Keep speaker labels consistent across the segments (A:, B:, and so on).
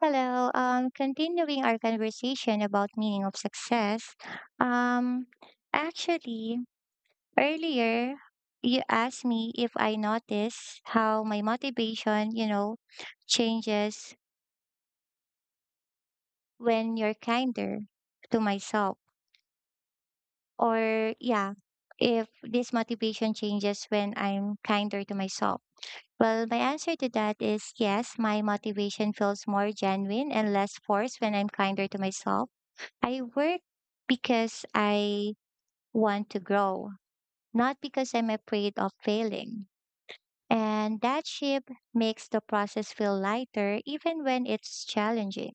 A: Hello. Continuing our conversation about meaning of success. Um, actually, Earlier you asked me if I notice how my motivation, changes when you're kinder to myself. Or yeah, if this motivation changes when I'm kinder to myself. Well, my answer to that is yes, my motivation feels more genuine and less forced when I'm kinder to myself. I work because I want to grow, not because I'm afraid of failing. And that shift makes the process feel lighter even when it's challenging.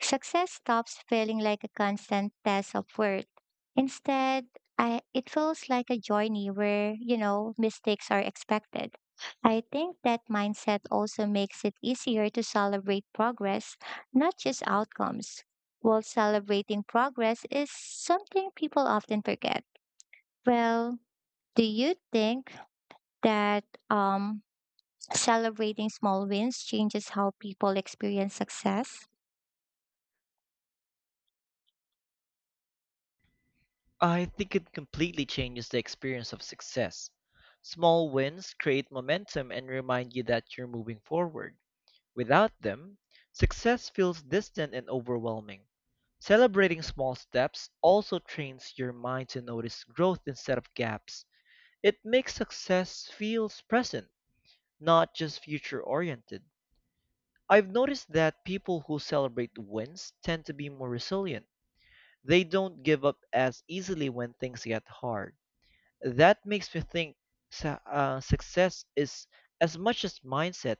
A: Success stops feeling like a constant test of worth. Instead, it feels like a journey where, mistakes are expected. I think that mindset also makes it easier to celebrate progress, not just outcomes. While celebrating progress is something people often forget. Well, do you think that um, celebrating small wins changes how people experience success?
B: I think it completely changes the experience of success. Small wins create momentum and remind you that you're moving forward. Without them, success feels distant and overwhelming. Celebrating small steps also trains your mind to notice growth instead of gaps. It makes success feels present, not just future oriented. I've noticed that people who celebrate wins tend to be more resilient. They don't give up as easily when things get hard. That makes me think success is as much as mindset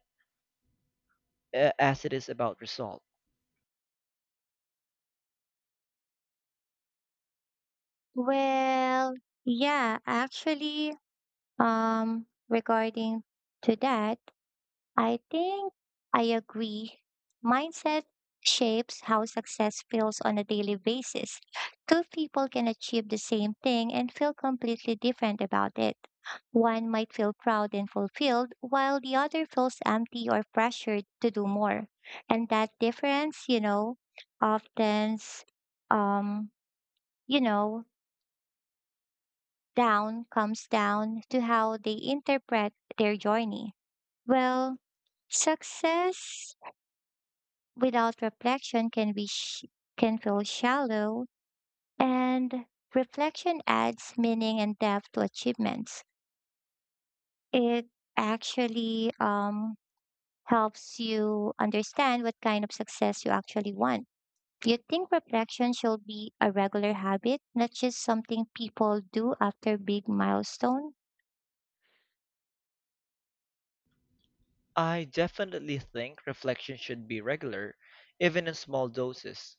B: as it is about result.
A: Well, yeah, actually, regarding to that, I think I agree. Mindset shapes how success feels on a daily basis. Two people can achieve the same thing and feel completely different about it. One might feel proud and fulfilled, while the other feels empty or pressured to do more. And that difference, you know, often, um, you know, down comes down to how they interpret their journey. Well, success without reflection can can feel shallow, and reflection adds meaning and depth to achievements. It actually helps you understand what kind of success you actually want. You think reflection should be a regular habit, not just something people do after big milestone?
B: I definitely think reflection should be regular, even in small doses.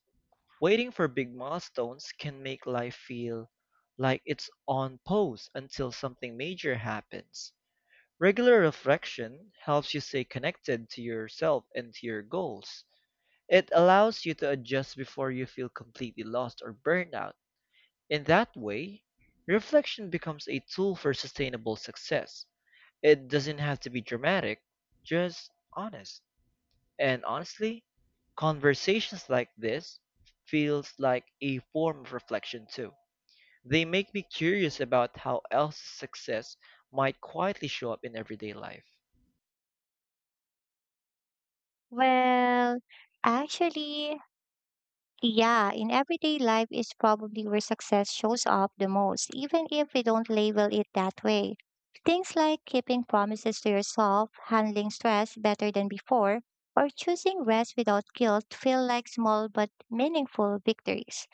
B: Waiting for big milestones can make life feel like it's on pause until something major happens. Regular reflection helps you stay connected to yourself and to your goals. It allows you to adjust before you feel completely lost or burned out. In that way, reflection becomes a tool for sustainable success. It doesn't have to be dramatic, just honest. And honestly, conversations like this feels like a form of reflection too. They make me curious about how else's success might quietly show up in everyday life.
A: Well, actually, yeah, in everyday life is probably where success shows up the most, even if we don't label it that way. Things like keeping promises to yourself, handling stress better than before, or choosing rest without guilt feel like small but meaningful victories.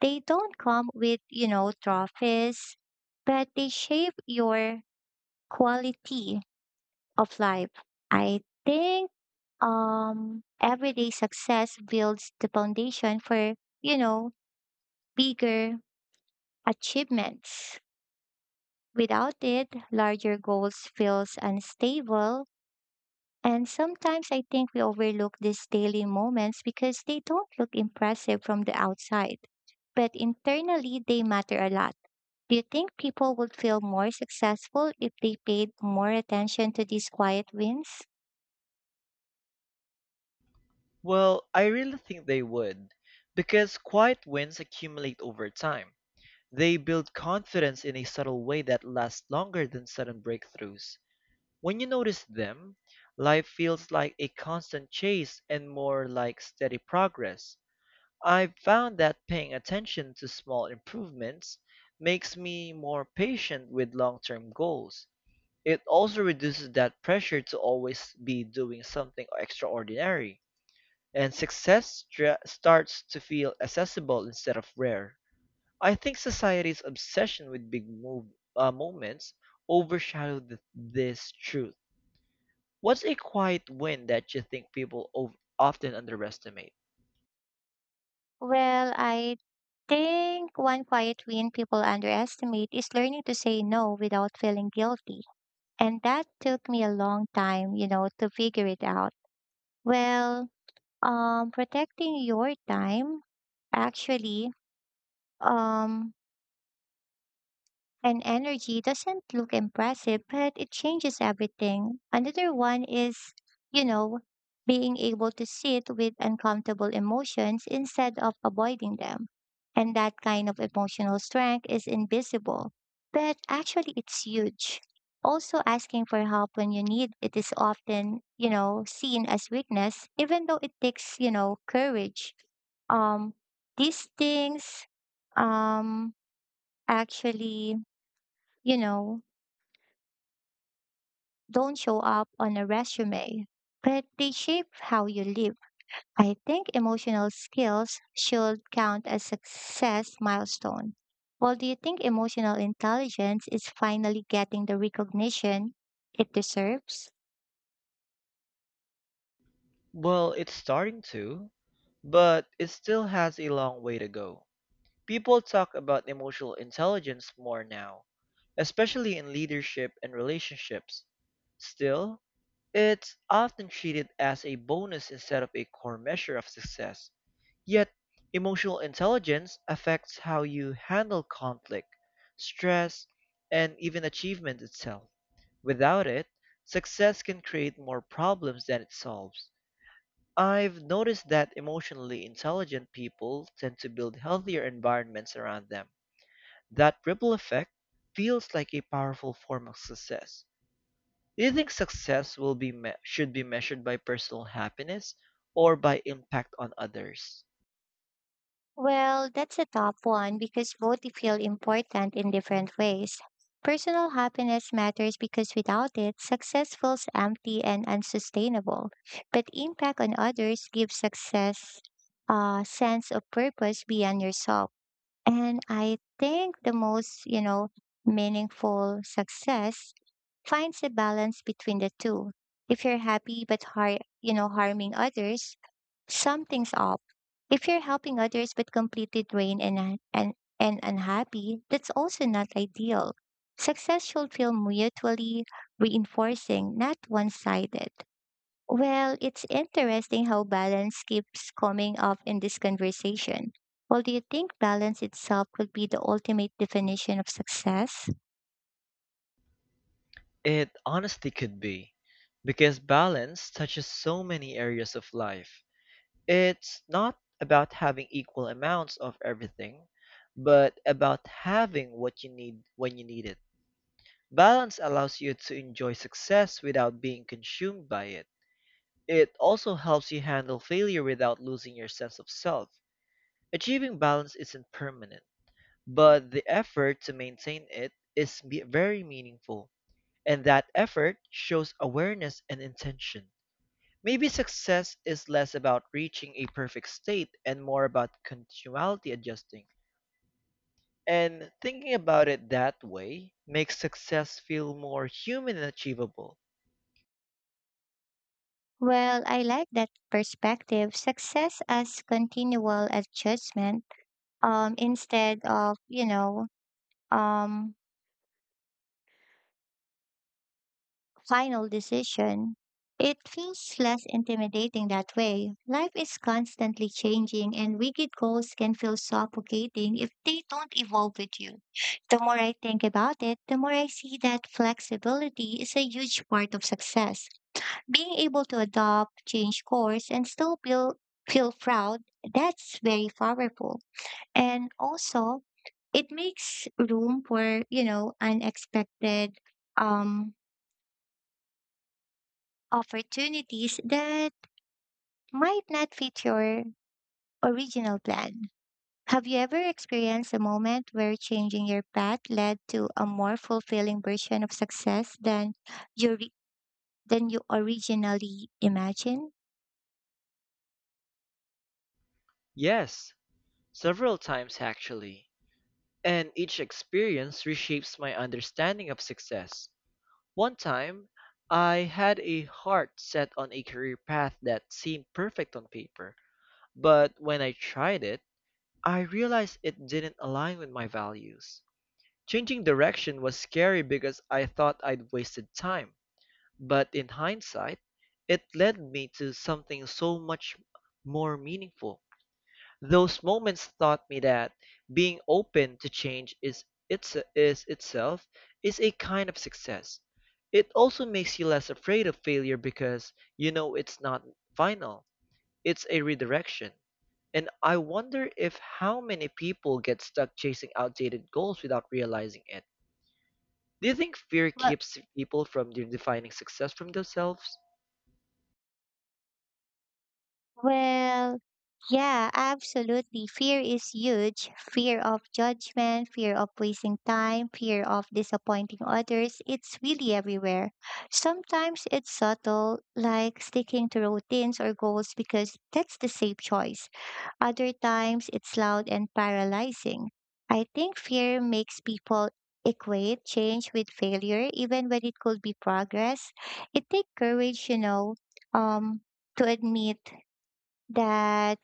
A: They don't come with, trophies, but they shape your quality of life. I think everyday success builds the foundation for, you know, bigger achievements. Without it, larger goals feels unstable. And sometimes I think we overlook these daily moments because they don't look impressive from the outside. But internally, they matter a lot. Do you think people would feel more successful if they paid more attention to these quiet wins?
B: Well, I really think they would, because quiet wins accumulate over time. They build confidence in a subtle way that lasts longer than sudden breakthroughs. When you notice them, life feels like a constant chase and more like steady progress. I've found that paying attention to small improvements makes me more patient with long term goals. It also reduces that pressure to always be doing something extraordinary, and success starts to feel accessible instead of rare. I think society's obsession with moments overshadowed this truth. What's a quiet win that you think people often underestimate?
A: Well, I think one quiet win people underestimate is learning to say no without feeling guilty. And that took me a long time, to figure it out. Well, protecting your time actually um and energy doesn't look impressive, but it changes everything. Another one is, you know, being able to sit with uncomfortable emotions instead of avoiding them. And that kind of emotional strength is invisible, but actually it's huge. Also, asking for help when you need it is often, seen as weakness, even though it takes, courage. Um, these things, um, actually, you know, don't show up on a resume, but they shape how you live. I think emotional skills should count as success milestone. Well, do you think emotional intelligence is finally getting the recognition it deserves?
B: Well, it's starting to, but it still has a long way to go. People talk about emotional intelligence more now, especially in leadership and relationships. Still, it's often treated as a bonus instead of a core measure of success. Yet, emotional intelligence affects how you handle conflict, stress, and even achievement itself. Without it, success can create more problems than it solves. I've noticed that emotionally intelligent people tend to build healthier environments around them. That ripple effect feels like a powerful form of success. Do you think success should be measured by personal happiness or by impact on others?
A: Well, that's a tough one because both feel important in different ways. Personal happiness matters because without it, success feels empty and unsustainable. But impact on others gives success a sense of purpose beyond yourself. And I think the most, meaningful success finds a balance between the two. If you're happy but harming others, something's up. If you're helping others but completely drained and unhappy, that's also not ideal. Success should feel mutually reinforcing, not one sided. Well, it's interesting how balance keeps coming up in this conversation. Well, do you think balance itself could be the ultimate definition of success?
B: It honestly could be, because balance touches so many areas of life. It's not about having equal amounts of everything, but about having what you need when you need it. Balance allows you to enjoy success without being consumed by it. It also helps you handle failure without losing your sense of self. Achieving balance isn't permanent, but the effort to maintain it is very meaningful, and that effort shows awareness and intention. Maybe success is less about reaching a perfect state and more about continually adjusting. And thinking about it that way makes success feel more human and achievable.
A: Well, I like that perspective. Success as continual adjustment instead of, um, final decision, it feels less intimidating that way. Life is constantly changing, and rigid goals can feel suffocating if they don't evolve with you. The more I think about it, the more I see that flexibility is a huge part of success. Being able to adopt, change course, and feel proud, that's very powerful. And also, it makes room for, unexpected um opportunities that might not fit your original plan. Have you ever experienced a moment where changing your path led to a more fulfilling version of success you re- than you originally imagined?
B: Yes, several times actually. And each experience reshapes my understanding of success. One time, I had a heart set on a career path that seemed perfect on paper, but when I tried it, I realized it didn't align with my values. Changing direction was scary because I thought I'd wasted time, but in hindsight, it led me to something so much more meaningful. Those moments taught me that being open to change is itself is a kind of success. It also makes you less afraid of failure because you know it's not final, it's a redirection. And I wonder if how many people get stuck chasing outdated goals without realizing it. Do you think fear
A: Well,
B: keeps people from defining success from themselves?
A: well, yeah, absolutely. Fear is huge. Fear of judgment, fear of wasting time, fear of disappointing others. It's really everywhere. Sometimes it's subtle, like sticking to routines or goals because that's the safe choice. Other times it's loud and paralyzing. I think fear makes people equate change with failure, even when it could be progress. It takes courage, um, to admit that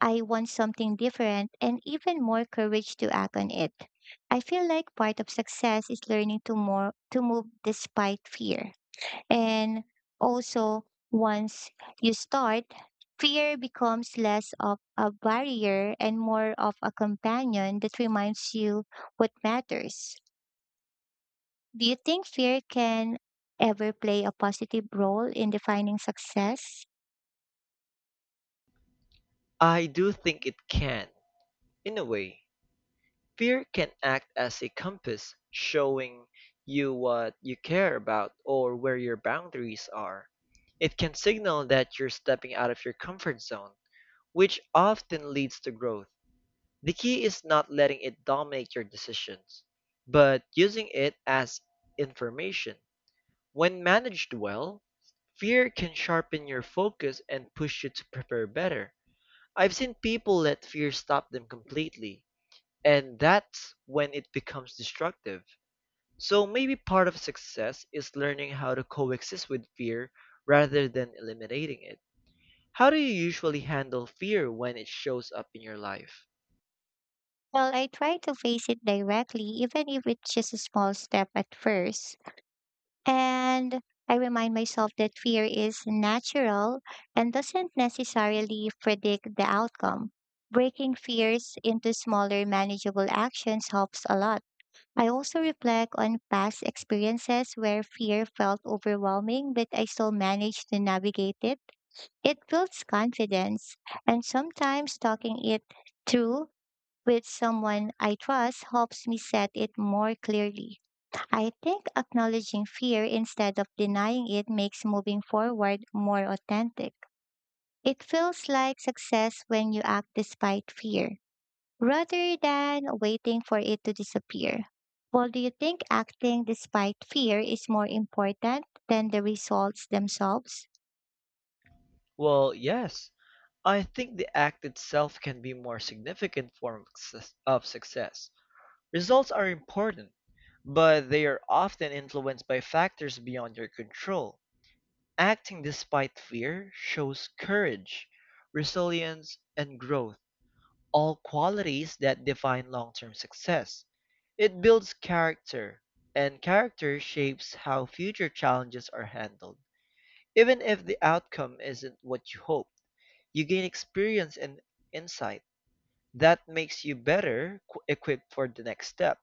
A: I want something different and even more courage to act on it. I feel like part of success is learning to more to move despite fear. And also once you start, fear becomes less of a barrier and more of a companion that reminds you what matters. Do you think fear can ever play a positive role in defining success?
B: I do think it can. In a way, fear can act as a compass, showing you what you care about or where your boundaries are. It can signal that you're stepping out of your comfort zone, which often leads to growth. The key is not letting it dominate your decisions, but using it as information. When managed well, fear can sharpen your focus and push you to prepare better. I've seen people let fear stop them completely, and that's when it becomes destructive. So maybe part of success is learning how to coexist with fear rather than eliminating it. How do you usually handle fear when it shows up in your life?
A: Well, I try to face it directly, even if it's just a small step at first. And I remind myself that fear is natural and doesn't necessarily predict the outcome. Breaking fears into smaller, manageable actions helps a lot. I also reflect on past experiences where fear felt overwhelming, but I still managed to navigate it. It builds confidence, and sometimes talking it through with someone I trust helps me set it more clearly. I think acknowledging fear instead of denying it makes moving forward more authentic. It feels like success when you act despite fear, rather than waiting for it to disappear. Well, do you think acting despite fear is more important than the results themselves?
B: Well, yes, I think the act itself can be more significant of success. Results are important, but they are often influenced by factors beyond your control. Acting despite fear shows courage, resilience, and growth, all qualities that define long term success. It builds character, and character shapes how future challenges are handled. Even if the outcome isn't what you hope, you gain experience and insight that makes you better equipped for the next step.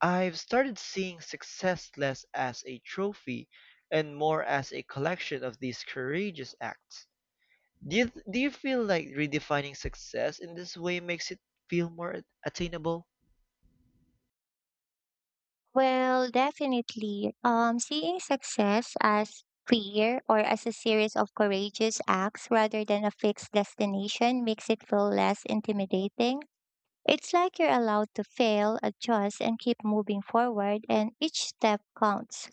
B: I've started seeing success less as a trophy and more as a collection of these courageous acts. Do you, do you feel like redefining success in this way makes it feel more attainable?
A: Well, definitely. Seeing success as clear or as a series of courageous acts rather than a fixed destination makes it feel less intimidating. It's like you're allowed to fail, adjust, and keep moving forward, and each step counts.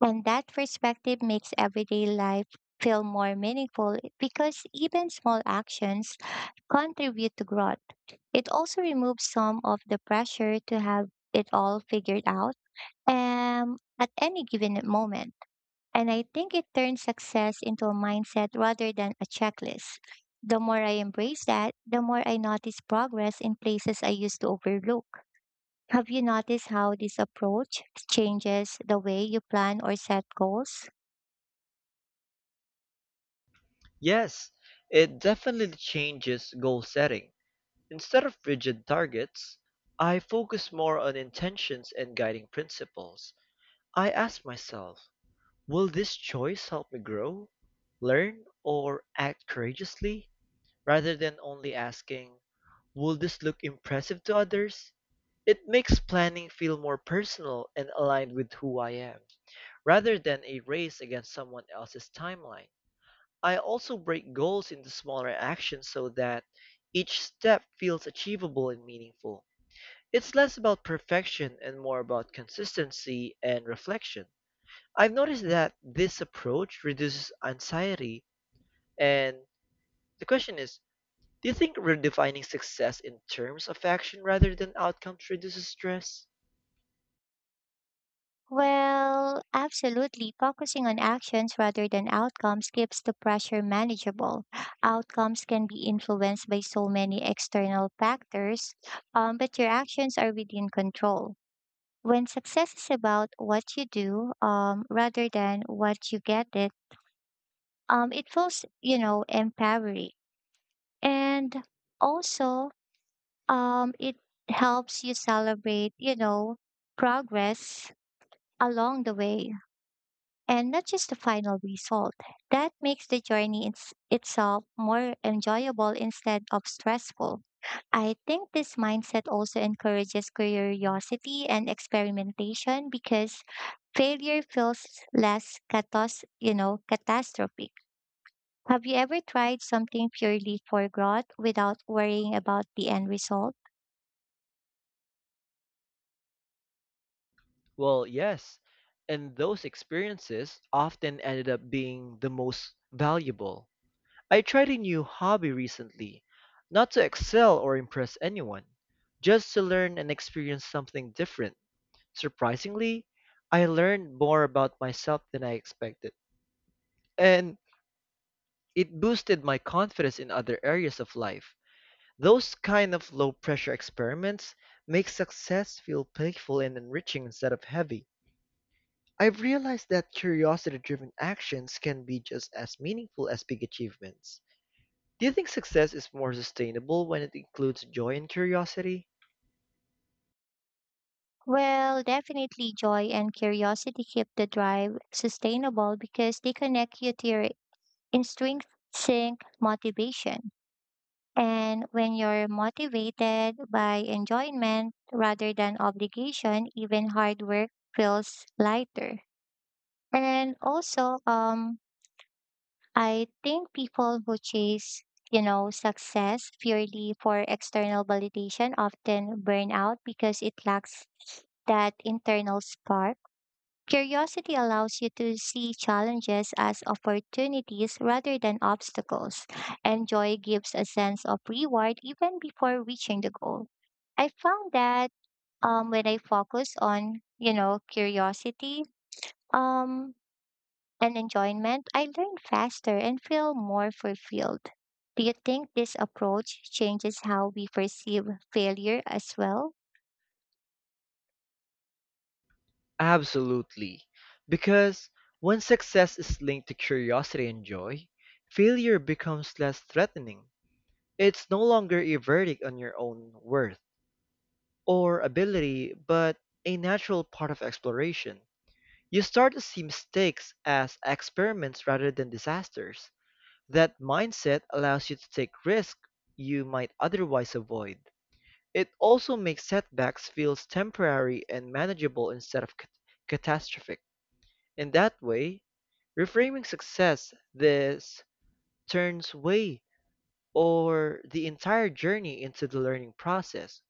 A: And that perspective makes everyday life feel more meaningful because even small actions contribute to growth. It also removes some of the pressure to have it all figured out at any given moment. And I think it turns success into a mindset rather than a checklist. The more I embrace that, the more I notice progress in places I used to overlook. Have you noticed how this approach changes the way you plan or set goals?
B: Yes, it definitely changes goal setting. Instead of rigid targets, I focus more on intentions and guiding principles. I ask myself, will this choice help me grow, learn, or act courageously? Rather than only asking, "Will this look impressive to others?" it makes planning feel more personal and aligned with who I am, rather than a race against someone else's timeline. I also break goals into smaller actions so that each step feels achievable and meaningful. It's less about perfection and more about consistency and reflection. I've noticed that this approach reduces anxiety, and the question is, do you think redefining success in terms of action rather than outcomes reduces stress?
A: Well, absolutely. Focusing on actions rather than outcomes keeps the pressure manageable. Outcomes can be influenced by so many external factors, but your actions are within control. When success is about what you do, rather than what you get it, it feels, empowering. And also, it helps you celebrate, progress along the way and not just the final result. That makes the journey itself more enjoyable instead of stressful. I think this mindset also encourages curiosity and experimentation because failure feels less catastrophic. Have you ever tried something purely for growth without worrying about the end result?
B: Well, yes, and those experiences often ended up being the most valuable. I tried a new hobby recently, not to excel or impress anyone, just to learn and experience something different. Surprisingly, I learned more about myself than I expected, and it boosted my confidence in other areas of life. Those kind of low-pressure experiments make success feel playful and enriching instead of heavy. I've realized that curiosity-driven actions can be just as meaningful as big achievements. Do you think success is more sustainable when it includes joy and curiosity?
A: Well, definitely joy and curiosity keep the drive sustainable because they connect you to your intrinsic motivation. And when you're motivated by enjoyment rather than obligation, even hard work feels lighter. And also, I think people who chase, success purely for external validation often burn out because it lacks that internal spark. Curiosity allows you to see challenges as opportunities rather than obstacles, and joy gives a sense of reward even before reaching the goal. I found that when I focus on, curiosity um, and enjoyment, I learn faster and feel more fulfilled. Do you think this approach changes how we perceive failure as well?
B: Absolutely. Because when success is linked to curiosity and joy, failure becomes less threatening. It's no longer a verdict on your own worth or ability, but a natural part of exploration. You start to see mistakes as experiments rather than disasters. That mindset allows you to take risks you might otherwise avoid. It also makes setbacks feel temporary and manageable instead of catastrophic. In that way, reframing success, this turns way or the entire journey into the learning process.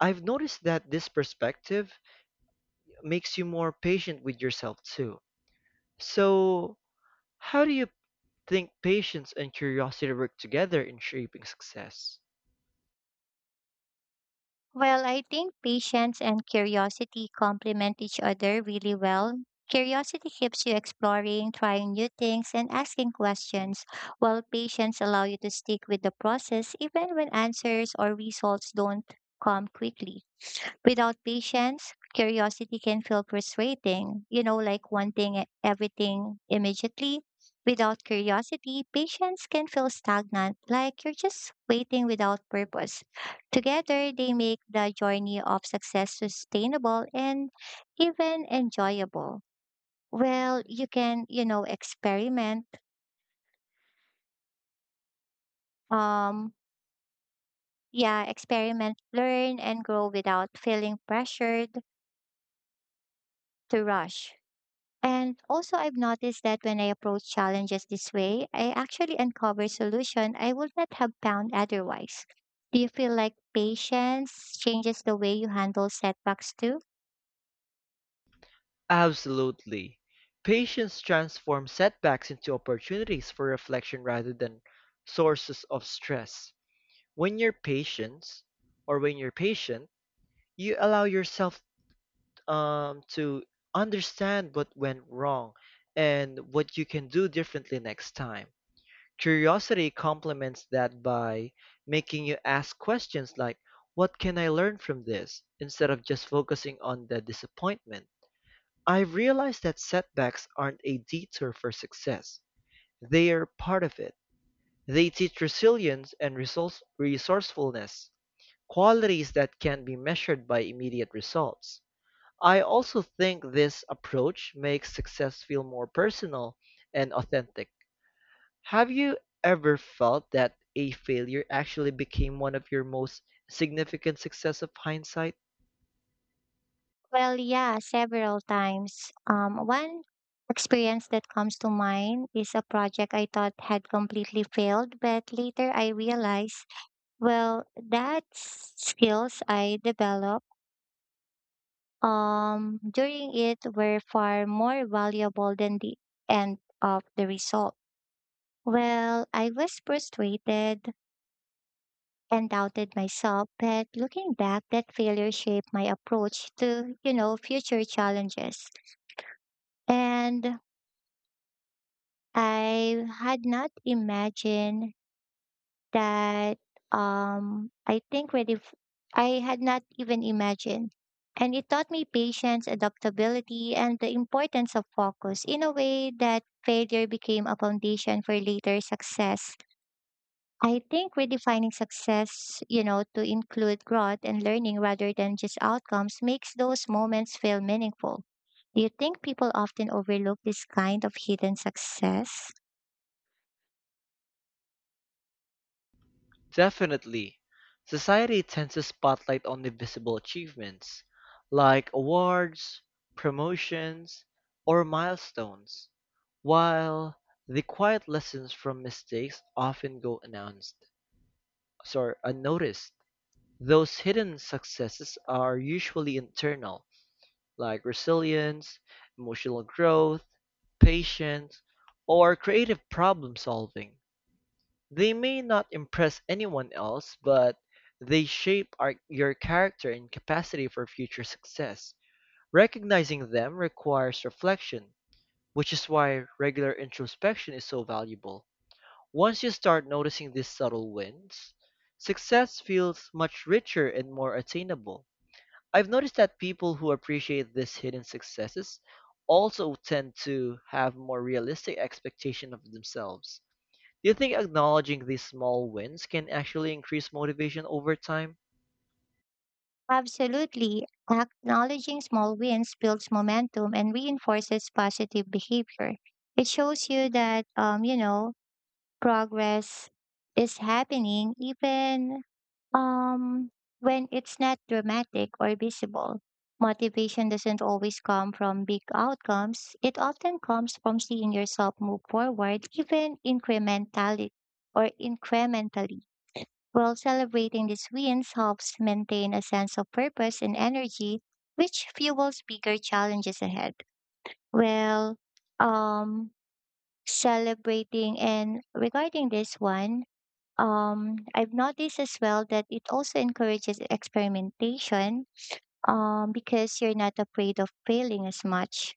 B: I've noticed that this perspective makes you more patient with yourself too. So, how do you think patience and curiosity work together in shaping success?
A: Well, I think patience and curiosity complement each other really well. Curiosity keeps you exploring, trying new things, and asking questions, while patience allows you to stick with the process even when answers or results don't come quickly. Without patience, curiosity can feel frustrating, like wanting everything immediately. Without curiosity, patience can feel stagnant, like you're just waiting without purpose. Together, they make the journey of success sustainable and even enjoyable. Well, you can, you know, um, yeah, experiment, learn, and grow without feeling pressured to rush. And also, I've noticed that when I approach challenges this way, I actually uncover solution I would not have found otherwise. Do you feel like patience changes the way you handle setbacks too?
B: Absolutely. Patience transforms setbacks into opportunities for reflection rather than sources of stress. When you're patient, or when you're patient, you allow yourself to understand what went wrong and what you can do differently next time. Curiosity complements that by making you ask questions like, what can I learn from this, instead of just focusing on the disappointment. I've realized that setbacks aren't a detour for success, they are part of it. They teach resilience and resourcefulness, qualities that can be measured by immediate results. I also think this approach makes success feel more personal and authentic. Have you ever felt that a failure actually became one of your most significant success of hindsight?
A: Well, yeah, several times. One experience that comes to mind is a project I thought had completely failed, but later I realized, well, that's skills I developed during it were far more valuable than the end of the result. Well, I was frustrated and doubted myself, but looking back, that failure shaped my approach to, future challenges. And I had not imagined that I think really f- I had not even imagined. And it taught me patience, adaptability, and the importance of focus in a way that failure became a foundation for later success. I think redefining success, to include growth and learning rather than just outcomes makes those moments feel meaningful. Do you think people often overlook this kind of hidden success?
B: Definitely. Society tends to spotlight only visible achievements, like awards, promotions, or milestones, while the quiet lessons from mistakes often go announced, sorry, unnoticed. Those hidden successes are usually internal, like resilience, emotional growth, patience, or creative problem solving. They may not impress anyone else, but they shape your character and capacity for future success. Recognizing them requires reflection, which is why regular introspection is so valuable. Once you start noticing these subtle wins, success feels much richer and more attainable. I've noticed that people who appreciate these hidden successes also tend to have more realistic expectation of themselves. Do you think acknowledging these small wins can actually increase motivation over time?
A: Absolutely. Acknowledging small wins builds momentum and reinforces positive behavior. It shows you that progress is happening even um when it's not dramatic or visible. Motivation doesn't always come from big outcomes. It often comes from seeing yourself move forward even incrementally. While celebrating these wins helps maintain a sense of purpose and energy, which fuels bigger challenges ahead. Well, um, celebrating and regarding this one, I've noticed as well that it also encourages experimentation because you're not afraid of failing as much.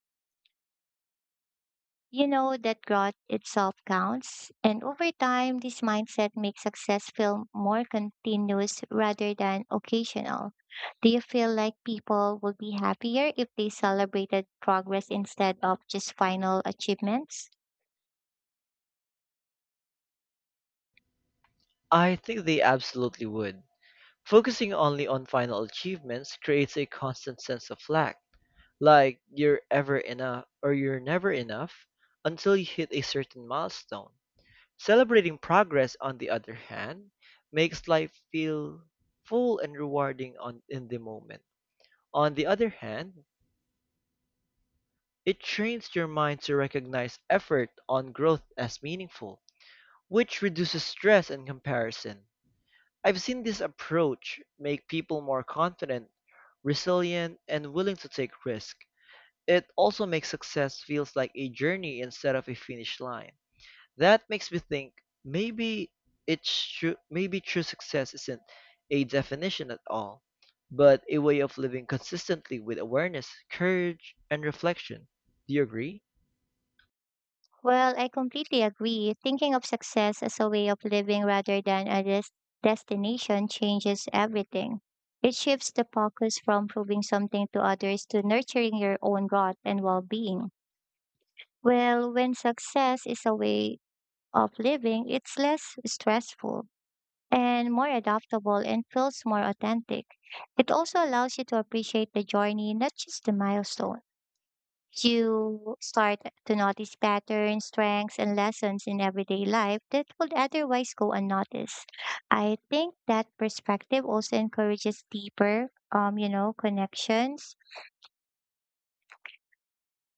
A: You know that growth itself counts, and over time, this mindset makes success feel more continuous rather than occasional. Do you feel like people would be happier if they celebrated progress instead of just final achievements?
B: I think they absolutely would. Focusing only on final achievements creates a constant sense of lack, like you're never enough until you hit a certain milestone. Celebrating progress, on the other hand, makes life feel full and rewarding in the moment. On the other hand, it trains your mind to recognize effort on growth as meaningful, which reduces stress and comparison. I've seen this approach make people more confident, resilient, and willing to take risks. It also makes success feels like a journey instead of a finish line. That makes me think maybe maybe true success isn't a definition at all, but a way of living consistently with awareness, courage, and reflection. Do you agree?
A: Well, I completely agree. Thinking of success as a way of living rather than a des- destination changes everything. It shifts the focus from proving something to others to nurturing your own growth and well being. Well, when success is a way of living, it's less stressful and more adaptable and feels more authentic. It also allows you to appreciate the journey, not just the milestone. You start to notice patterns, strengths, and lessons in everyday life that would otherwise go unnoticed. I think that perspective also encourages deeper, connections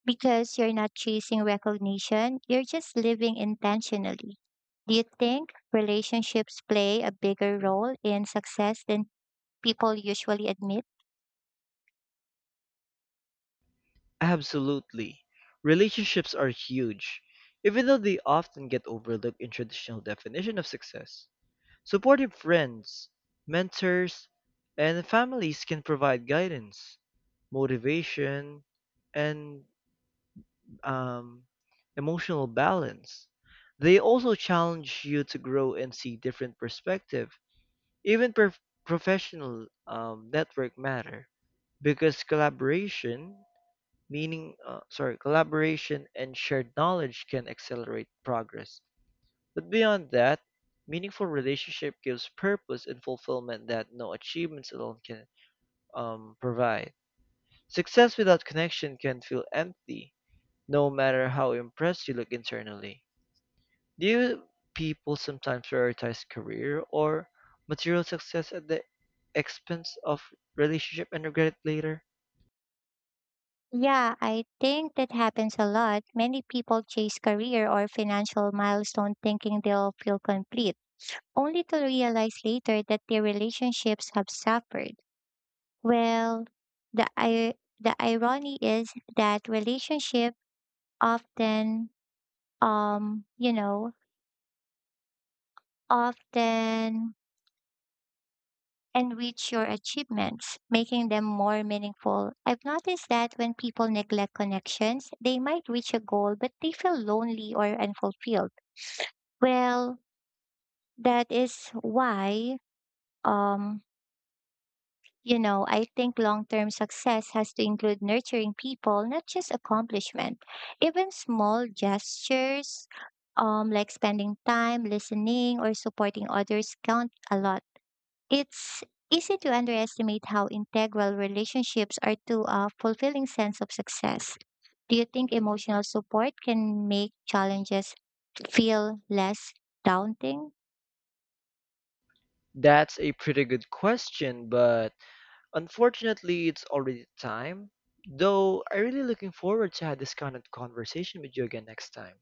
A: because you're not chasing recognition, you're just living intentionally. Do you think relationships play a bigger role in success than people usually admit?
B: Absolutely. Relationships are huge, even though they often get overlooked in traditional definition of success. Supportive friends, mentors, and families can provide guidance, motivation, and um, emotional balance. They also challenge you to grow and see different perspective. Even professional network matter because collaboration, collaboration and shared knowledge can accelerate progress. But beyond that, meaningful relationship gives purpose and fulfillment that no achievements alone can provide. Success without connection can feel empty, no matter how impressed you look internally. Do you people sometimes prioritize career or material success at the expense of relationship and regret it later?
A: Yeah, I think that happens a lot. Many people chase career or financial milestone thinking they'll feel complete, only to realize later that their relationships have suffered. Well, the irony is that relationship often um, you know, often enrich your achievements, making them more meaningful. I've noticed that when people neglect connections, they might reach a goal, but they feel lonely or unfulfilled. Well, that is why, um, I think long term success has to include nurturing people, not just accomplishment. Even small gestures, like spending time listening or supporting others, count a lot. It's easy to underestimate how integral relationships are to a fulfilling sense of success. Do you think emotional support can make challenges feel less daunting?
B: That's a pretty good question, but unfortunately, it's already time, though I am really looking forward to have this kind of conversation with you again next time.